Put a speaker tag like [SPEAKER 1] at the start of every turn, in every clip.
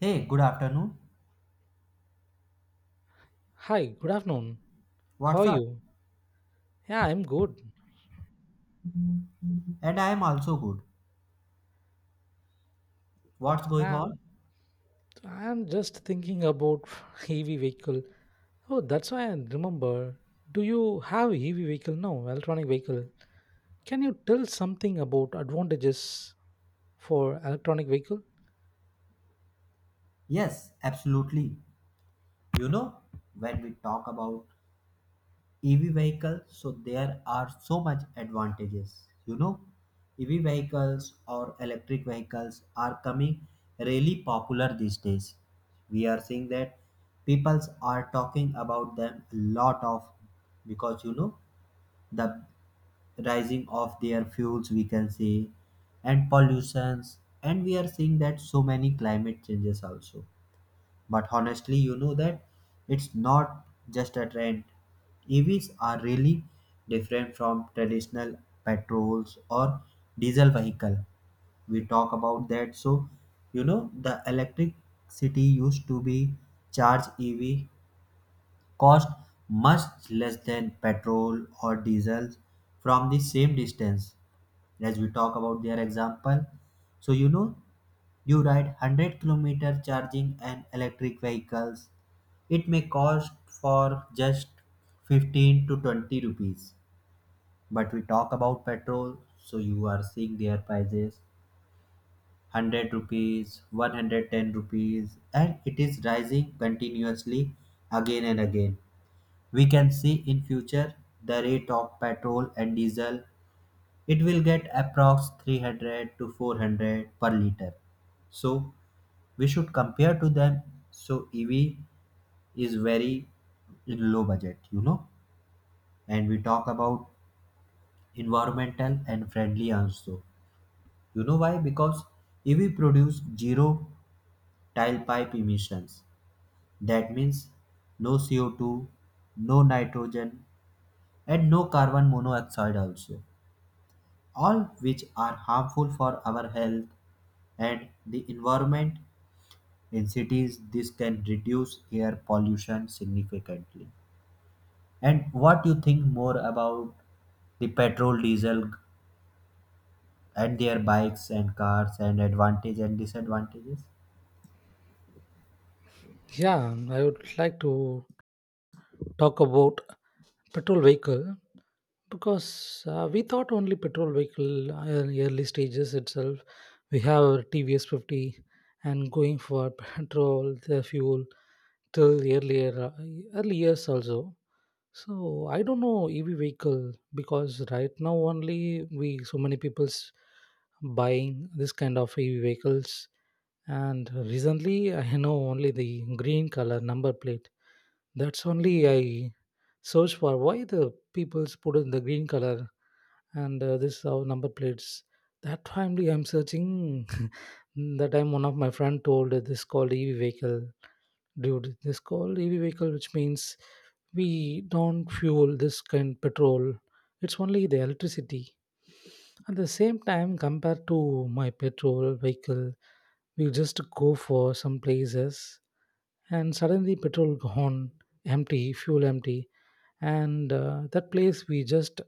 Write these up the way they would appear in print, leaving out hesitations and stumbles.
[SPEAKER 1] Hey, good afternoon.
[SPEAKER 2] Hi, good afternoon. How are
[SPEAKER 1] What's up?
[SPEAKER 2] you? Yeah, I'm good.
[SPEAKER 1] And I am also good. What's going
[SPEAKER 2] Uh,
[SPEAKER 1] on?
[SPEAKER 2] I'm just thinking about EV vehicle. Oh, that's why I remember. Do you have EV vehicle? No, electronic vehicle. Can you tell something about advantages for electronic vehicle?
[SPEAKER 1] Yes, absolutely. You know, when we talk about EV vehicles, so there are so much advantages. You know, EV vehicles or electric vehicles are coming really popular these days. We are seeing that people are talking about them a lot of because you know the rising of their fuels, we can say, and pollutions, and we are seeing that so many climate changes also. But honestly, you know that it's not just a trend. EVs are really different from traditional petrols or diesel vehicle. We talk about that. So you know the electricity used to be charged, EV cost much less than petrol or diesel from the same distance. As we talk about their example, so you know, you ride 100-kilometer charging an electric vehicles, it may cost for just 15 to 20 rupees. But we talk about petrol, so you are seeing their prices, 100 rupees, 110 rupees, and it is rising continuously again and again. We can see in future the rate of petrol and diesel, it will get approx 300 to 400 per liter. So we should compare to them. So EV is very in low budget, you know. And we talk about environmental and friendly also. You know why? Because EV produce zero tailpipe emissions. That means no CO2, no nitrogen, and no carbon monoxide also, all which are harmful for our health and the environment. In cities, this can reduce air pollution significantly. And what you think more about the petrol, diesel, and their bikes and cars, and advantage and disadvantages?
[SPEAKER 2] Yeah, I would like to talk about petrol vehicle because we thought only petrol vehicle in early stages itself we have our TVS 50 and going for petrol the fuel till earlier early years also. So I don't know EV vehicle because right now only we so many people's buying this kind of EV vehicles. And recently I know only the green color number plate, that's only I search for why the people's put in the green color and this our number plates. That family I'm searching. That time one of my friend told this called EV vehicle, dude. This called EV vehicle, which means we don't fuel this kind petrol. It's only the electricity. At the same time, compared to my petrol vehicle, we just go for some places and suddenly petrol gone, empty, fuel empty, and that place we just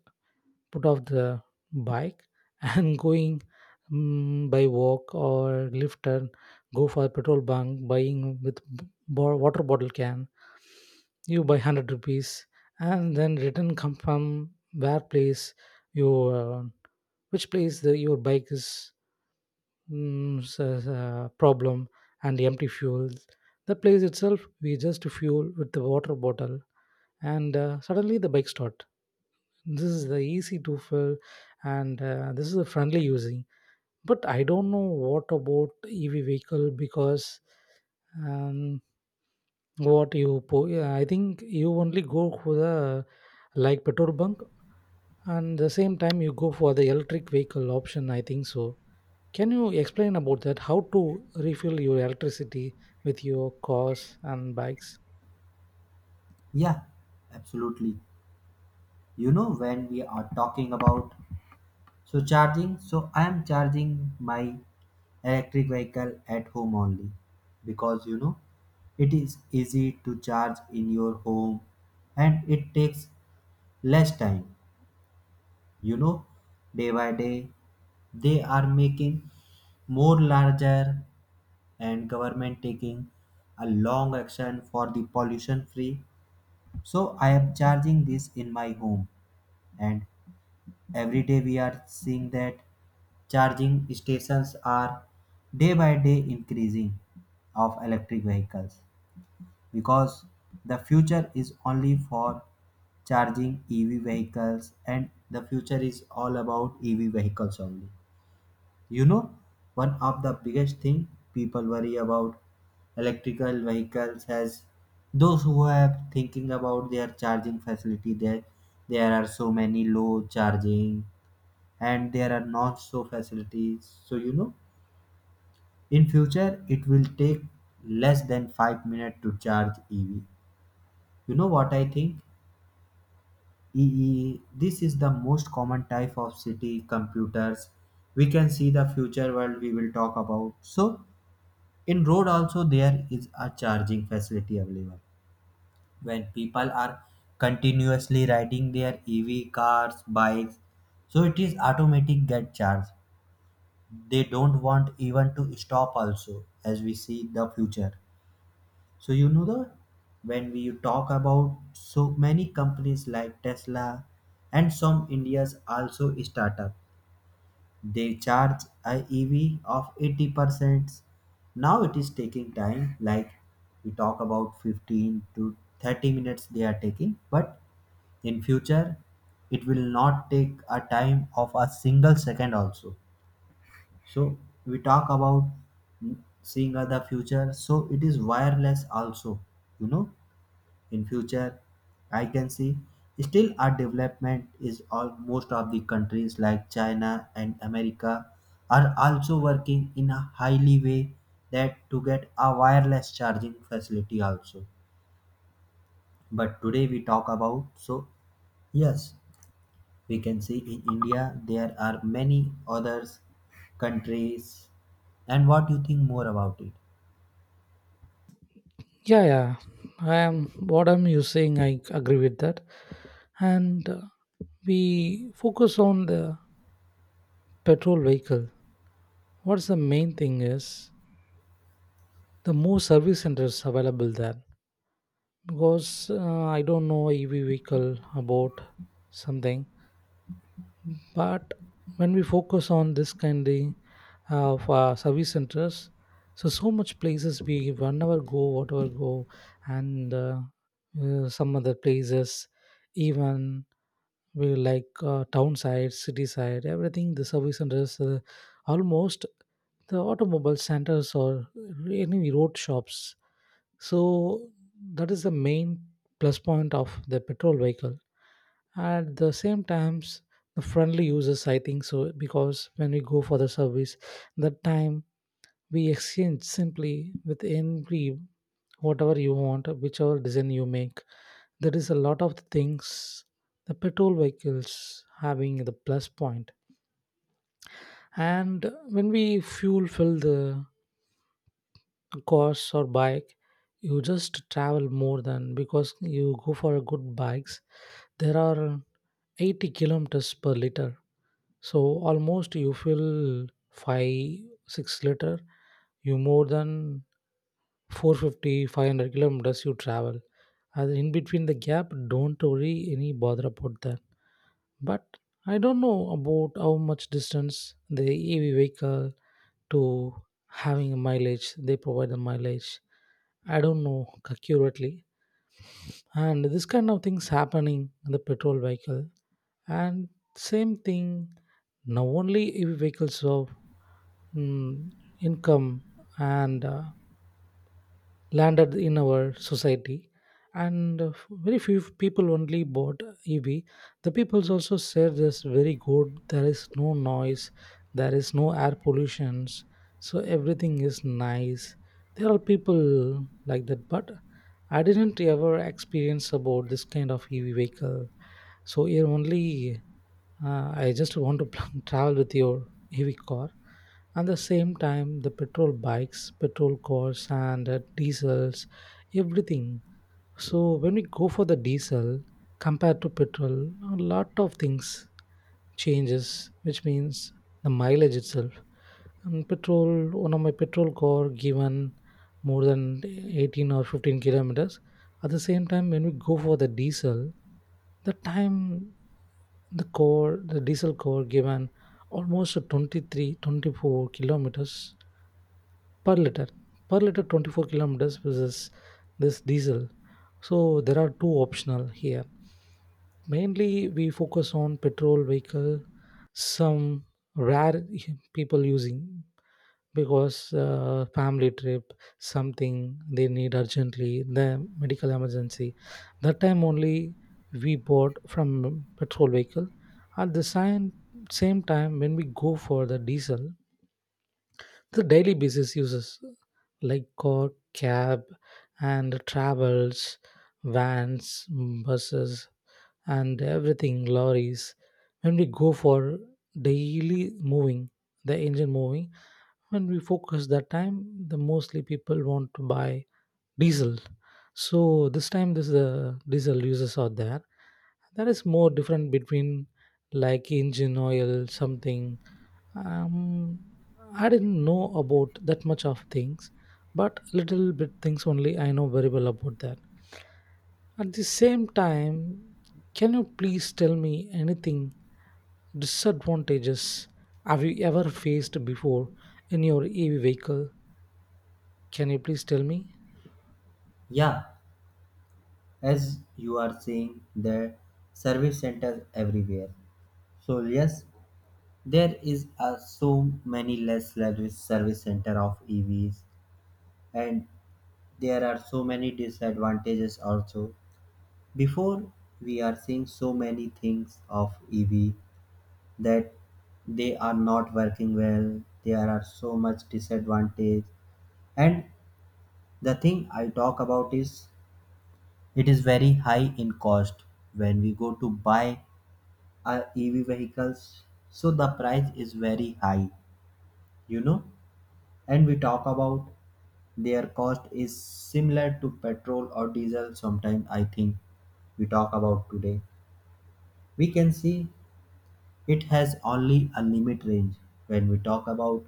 [SPEAKER 2] put off the bike and going by walk or lift and go for petrol bunk buying with water bottle, can you buy 100 rupees, and then return come from where place your which place your bike is, mm, s- problem and empty fuel. The place itself we just fuel with the water bottle, and suddenly the bike start. This is the easy to fill, and this is a friendly using. But I don't know what about EV vehicle because um, yeah, I think you only go for the like petrol bunk and the same time you go for the electric vehicle option. I think so. Can you explain about that? How to refill your electricity with your cars and bikes?
[SPEAKER 1] Yeah, absolutely. You know, when we are talking about so charging, so I am charging my electric vehicle at home only, because you know it is easy to charge in your home and it takes less time. You know, day by day, they are making more larger, and government taking a long action for the pollution free. So I am charging this in my home, and every day we are seeing that charging stations are day by day increasing of electric vehicles, because the future is only for charging EV vehicles, and the future is all about EV vehicles only. You know, one of the biggest thing people worry about electrical vehicles as those who have thinking about their charging facility, there are so many low charging and there are not so facilities. So you know, in future it will take less than 5 minutes to charge EV. You know what I think, ee this is the most common type of city computers. We can see the future world, we will talk about. So in road also there is a charging facility available when people are continuously riding their EV cars, bikes, so it is automatic get charge. They don't want even to stop also, as we see the future. So you know, the when we talk about so many companies like Tesla and some India's also startup, they charge a EV of 80%. Now it is taking time, like we talk about 15 to 30 minutes they are taking, but in future it will not take a time of a single second also. So we talk about, mm, seeing other future. So it is wireless also. You know, in future, I can see still our development is all most of the countries like China and America are also working in a highly way, that to get a wireless charging facility also. But today we talk about, so yes, we can see in India there are many others countries. And what you think more about it?
[SPEAKER 2] Yeah, yeah. I am what I'm using. I agree with that. And we focus on the petrol vehicle. What's the main thing is the more service centers available there because I don't know EV vehicle about something. But when we focus on this kind of service centers, so so much places we whenever go whatever go, and some other places even we like town side, city side, everything. The service centers, almost the automobile centers or any road shops. So that is the main plus point of the petrol vehicle. At the same times, the friendly users, I think so, because when we go for the service, that time we exchange simply with every whatever you want, whichever design you make, there is a lot of things the petrol vehicles having the plus point. And when we fuel fill the cars or bike, you just travel more than because you go for a good bikes, there are 80 kilometers per liter. So almost you fill 5 6 liter, you more than 450 500 kilometers you travel, and in between the gap don't worry any bother about that. But I don't know about how much distance the EV vehicle to having a mileage they provide the mileage. I don't know accurately, and this kind of things happening in the petrol vehicle, and same thing. Now only EV vehicles of mm, income and landed in our society, and very few people only bought EV. The peoples also said this very good, there is no noise, there is no air pollutions, so everything is nice. There are people like that, but I didn't ever experience about this kind of EV vehicle. So here only I just want to travel with your heavy car. At the same time, the petrol bikes, petrol cars, and diesels, everything. So when we go for the diesel compared to petrol, a lot of things changes, which means the mileage itself. And petrol, one of my petrol car given more than 18 or 15 kilometers. At the same time, when we go for the diesel, the time the diesel core given almost 23, 24 kilometers per liter. Per liter, 24 kilometers versus this diesel. So there are two optional here. Mainly, we focus on petrol vehicle, some rare people using because family trip, something they need urgently the medical emergency, that time only we bought from petrol vehicle. At the same time when we go for the diesel, the daily basis uses like car, cab, and travels, vans, buses, and everything lorries. When we go for daily moving, the engine moving, when we focus, that time the mostly people want to buy diesel. So this time this the diesel users are there, that is more different between like engine oil something. um I didn't know about that much of things, but little bit things only I know very well about that. At the same time, can you please tell me anything disadvantages have you ever faced before in your EV vehicle? Can you please tell me?
[SPEAKER 1] Yeah, as you are saying, there service centers everywhere. So yes, there is so many less service center of EVs, and there are so many disadvantages also. Before we are seeing so many things of EV that they are not working well, there are so much disadvantage. And the thing I talk about is it is very high in cost. When we go to buy our EV vehicles, so the price is very high, you know. And we talk about their cost is similar to petrol or diesel sometime, I think. We talk about today, we can see it has only a limit range when we talk about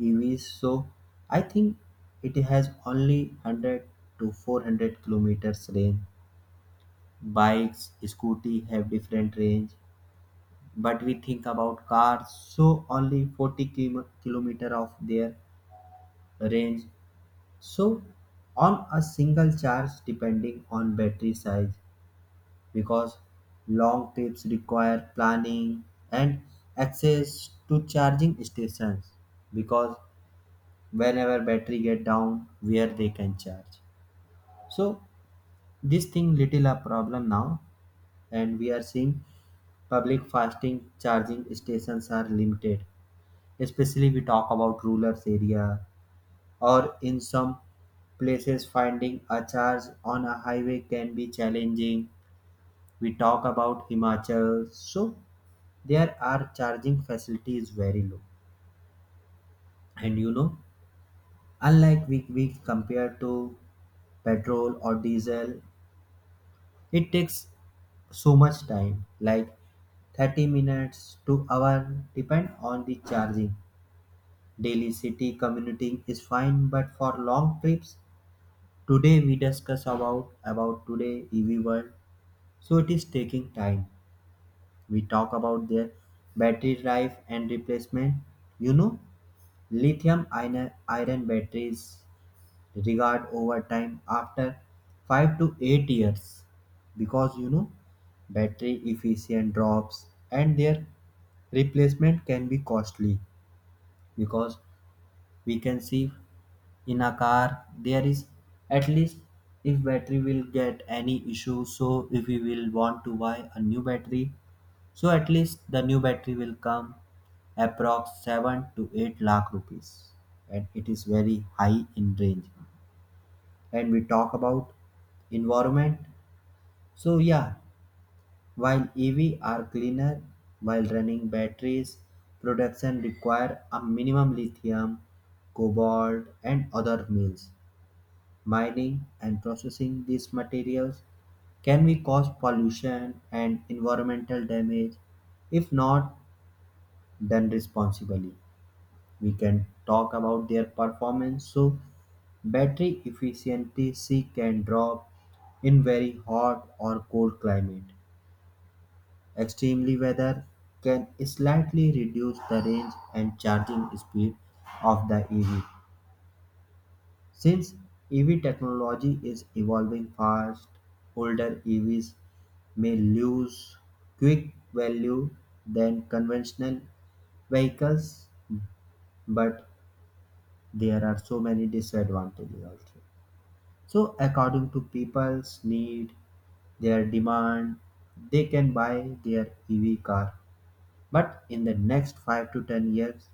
[SPEAKER 1] EVs. So I think it has only 100 to 400 kilometers range. Bikes, scooty have different range, but we think about cars, so only 40-kilo- kilometer of their range. So on a single charge, depending on battery size, because long trips require planning and access to charging stations, because whenever battery get down, where they can charge? So this thing little a problem now. And we are seeing public fasting charging stations are limited, especially we talk about rural area, or in some places finding a charge on a highway can be challenging. We talk about Himachal, so there are charging facilities very low. And you know, unlike we compared to petrol or diesel, it takes so much time, like 30 minutes to hour depend on the charging. Daily city commuting is fine, but for long trips, today we discuss about today EV world, so it is taking time. We talk about their battery life and replacement. You know, Lithium-ion batteries degrade over time after 5 to 8 years, because you know battery efficient drops, and their replacement can be costly. Because we can see in a car there is at least, if battery will get any issue, so if we will want to buy a new battery, so at least the new battery will come approx 7 to 8 lakh rupees, and it is very high in range. And we talk about environment. So yeah, while EV are cleaner while running, batteries production require a minimum lithium, cobalt, and other metals. Mining and processing these materials can we cause pollution and environmental damage, if not done responsibly. We can talk about their performance. So battery efficiency can drop in very hot or cold climate. Extremely weather can slightly reduce the range and charging speed of the EV. Since EV technology is evolving fast, older EVs may lose quick value than conventional vehicles. But there are so many disadvantages also. So according to people's need, their demand, they can buy their EV car. But in the next 5 to 10 years,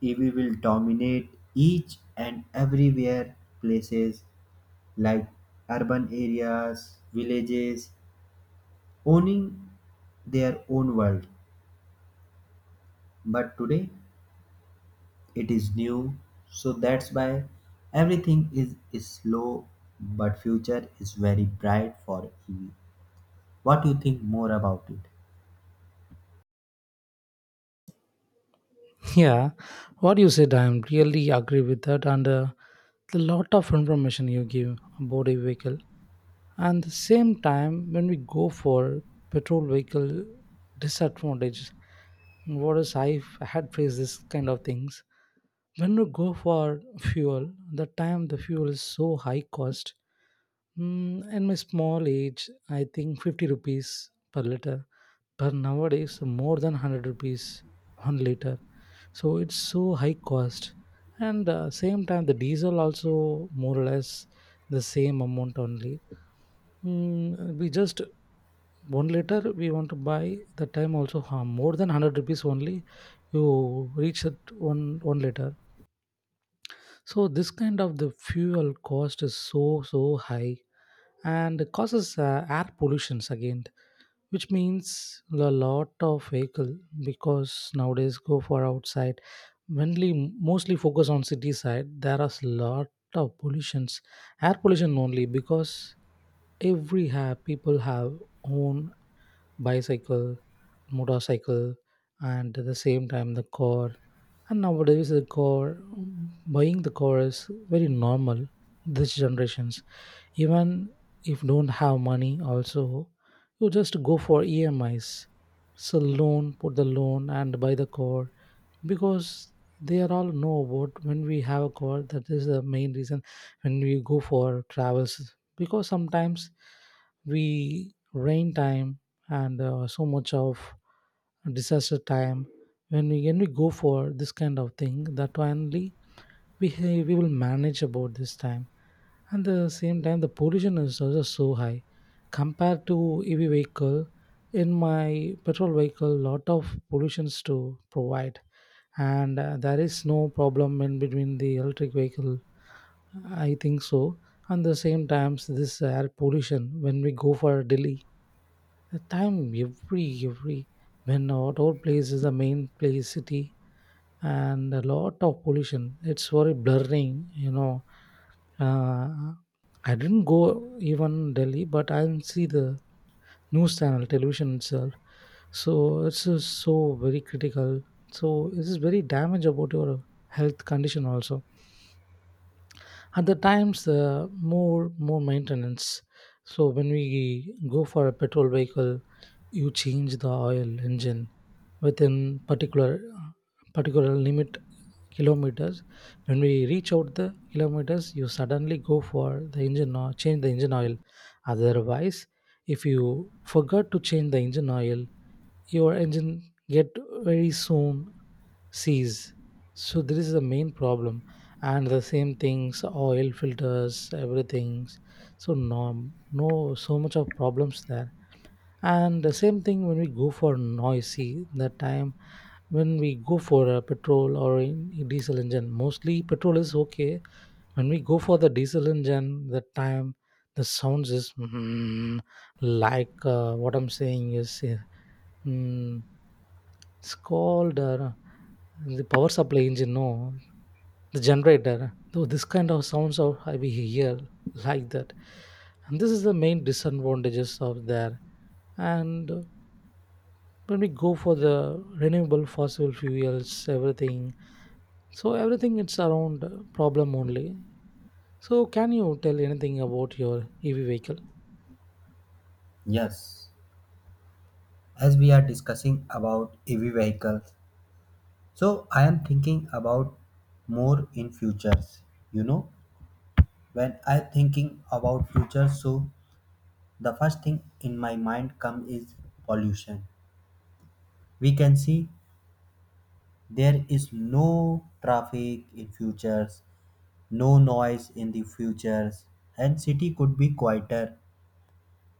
[SPEAKER 1] EV will dominate each and everywhere places, like urban areas, villages, owning their own world. But today it is new, so that's why everything is slow, but future is very bright for EV. What do you think more about it?
[SPEAKER 2] Yeah, what you said, I am really agree with that, and the lot of information you give about a vehicle. And the same time, when we go for petrol vehicle disadvantages, what is I had faced this kind of things when you go for fuel, the time the fuel is so high cost. In my small age I think 50 rupees per liter, but nowadays more than 100 rupees 1 liter, so it's so high cost. And same time the diesel also more or less the same amount only. mm, we just 1 liter we want to buy, the time also, more than 100 rupees only you reach at one one liter. So this kind of the fuel cost is so so high and causes air pollutions again, which means a lot of vehicle because nowadays go for outside, mainly mostly focus on city side. There are a lot of pollutions, air pollution only because every people have own bicycle, motorcycle, and at the same time the car. And nowadays the car, buying the car is very normal this generations, even if don't have money also you just go for emis, so loan put the loan and buy the car, because they are all know about when we have a call that is the main reason when we go for travels. Because sometimes we rain time and so much of disaster time, when we go for this kind of thing, that only we will manage about this time. And the same time the pollution is also so high compared to EV vehicle. In my petrol vehicle lot of pollutions to provide, and there is no problem in between the electric vehicle, I think so. And the same times this air pollution, when we go for Delhi, the time every when our place is the main place city and a lot of pollution. It's very blurring, you know. Uh, I didn't go even Delhi, but I didn't see the news channel, television itself. So it's just so very critical. So it is very damage about your health condition also. At the times, more maintenance. So when we go for a petrol vehicle, you change the oil engine within particular limit kilometers. When we reach out the kilometers, you suddenly go for the engine oil, change the engine oil. Otherwise, if you forgot to change the engine oil, your engine get very soon seize. So this is the main problem. And the same things oil filters everything, so no so much of problems there. And the same thing when we go for noisy, that time when we go for a petrol or in diesel engine, mostly petrol is okay. When we go for the diesel engine, that time the sounds is like what I'm saying is mm, it's called the power supply engine no the generator, so this kind of sounds of we hear like that. And this is the main disadvantages of there. And when we go for the renewable fossil fuels everything, so everything it's around problem only. So can you tell anything about your EV vehicle?
[SPEAKER 1] Yes, as we are discussing about EV vehicles, so I am thinking about more in futures. You know, when I thinking about future, so the first thing in my mind come is pollution. We can see there is no traffic in futures, no noise in the futures, and city could be quieter.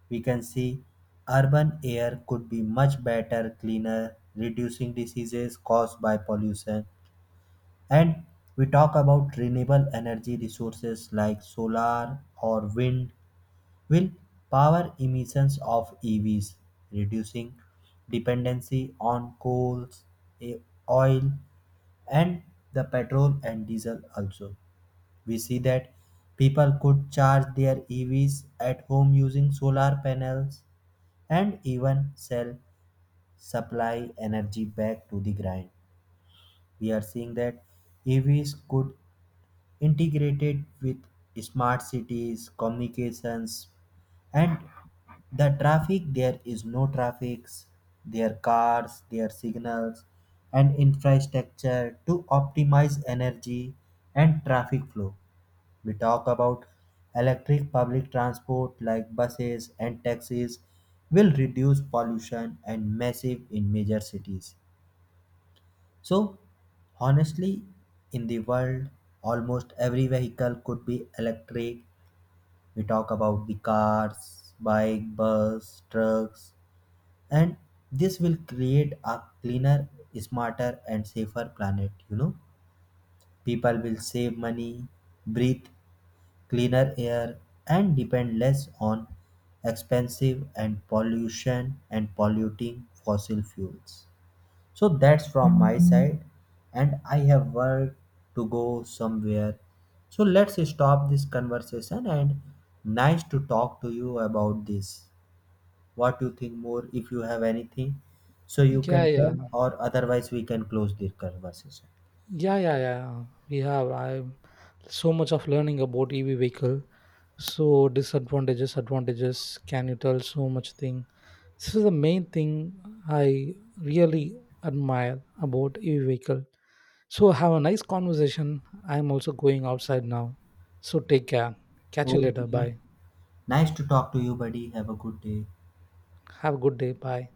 [SPEAKER 1] We can see urban air could be much better, cleaner, reducing diseases caused by pollution. And we talk about renewable energy resources like solar or wind will power emissions of EVs, reducing dependency on coals, e- oil, and the petrol and diesel also. We see that people could charge their EVs at home using solar panels, and even sell supply energy back to the grind. We are seeing that EVs could integrated with smart cities, communications, and the traffic. There is no traffics, their cars, their signals, and infrastructure to optimize energy and traffic flow. We talk about electric public transport like buses and taxis, will reduce pollution and massive in major cities. So honestly, in the world, almost every vehicle could be electric. We talk about the cars, bike, bus, trucks, and this will create a cleaner, smarter, and safer planet. You know, people will save money, breathe cleaner air, and depend less on expensive and pollution and polluting fossil fuels. So that's from my side, and I have work to go somewhere. So let's stop this conversation, and nice to talk to you about this. What you think more, if you have anything, so you
[SPEAKER 2] Yeah,
[SPEAKER 1] can
[SPEAKER 2] yeah,
[SPEAKER 1] tell, or otherwise we can close this conversation.
[SPEAKER 2] yeah, yeah, yeah. We have I so much of learning about EV vehicle. So disadvantages, advantages. Can you tell so much thing? This is the main thing I really admire about EV vehicle. So have a nice conversation. I'm also going outside now. So take care. Catch you later.
[SPEAKER 1] Okay.
[SPEAKER 2] Bye.
[SPEAKER 1] Nice to talk to you, buddy. Have a good day.
[SPEAKER 2] Have a good day. Bye.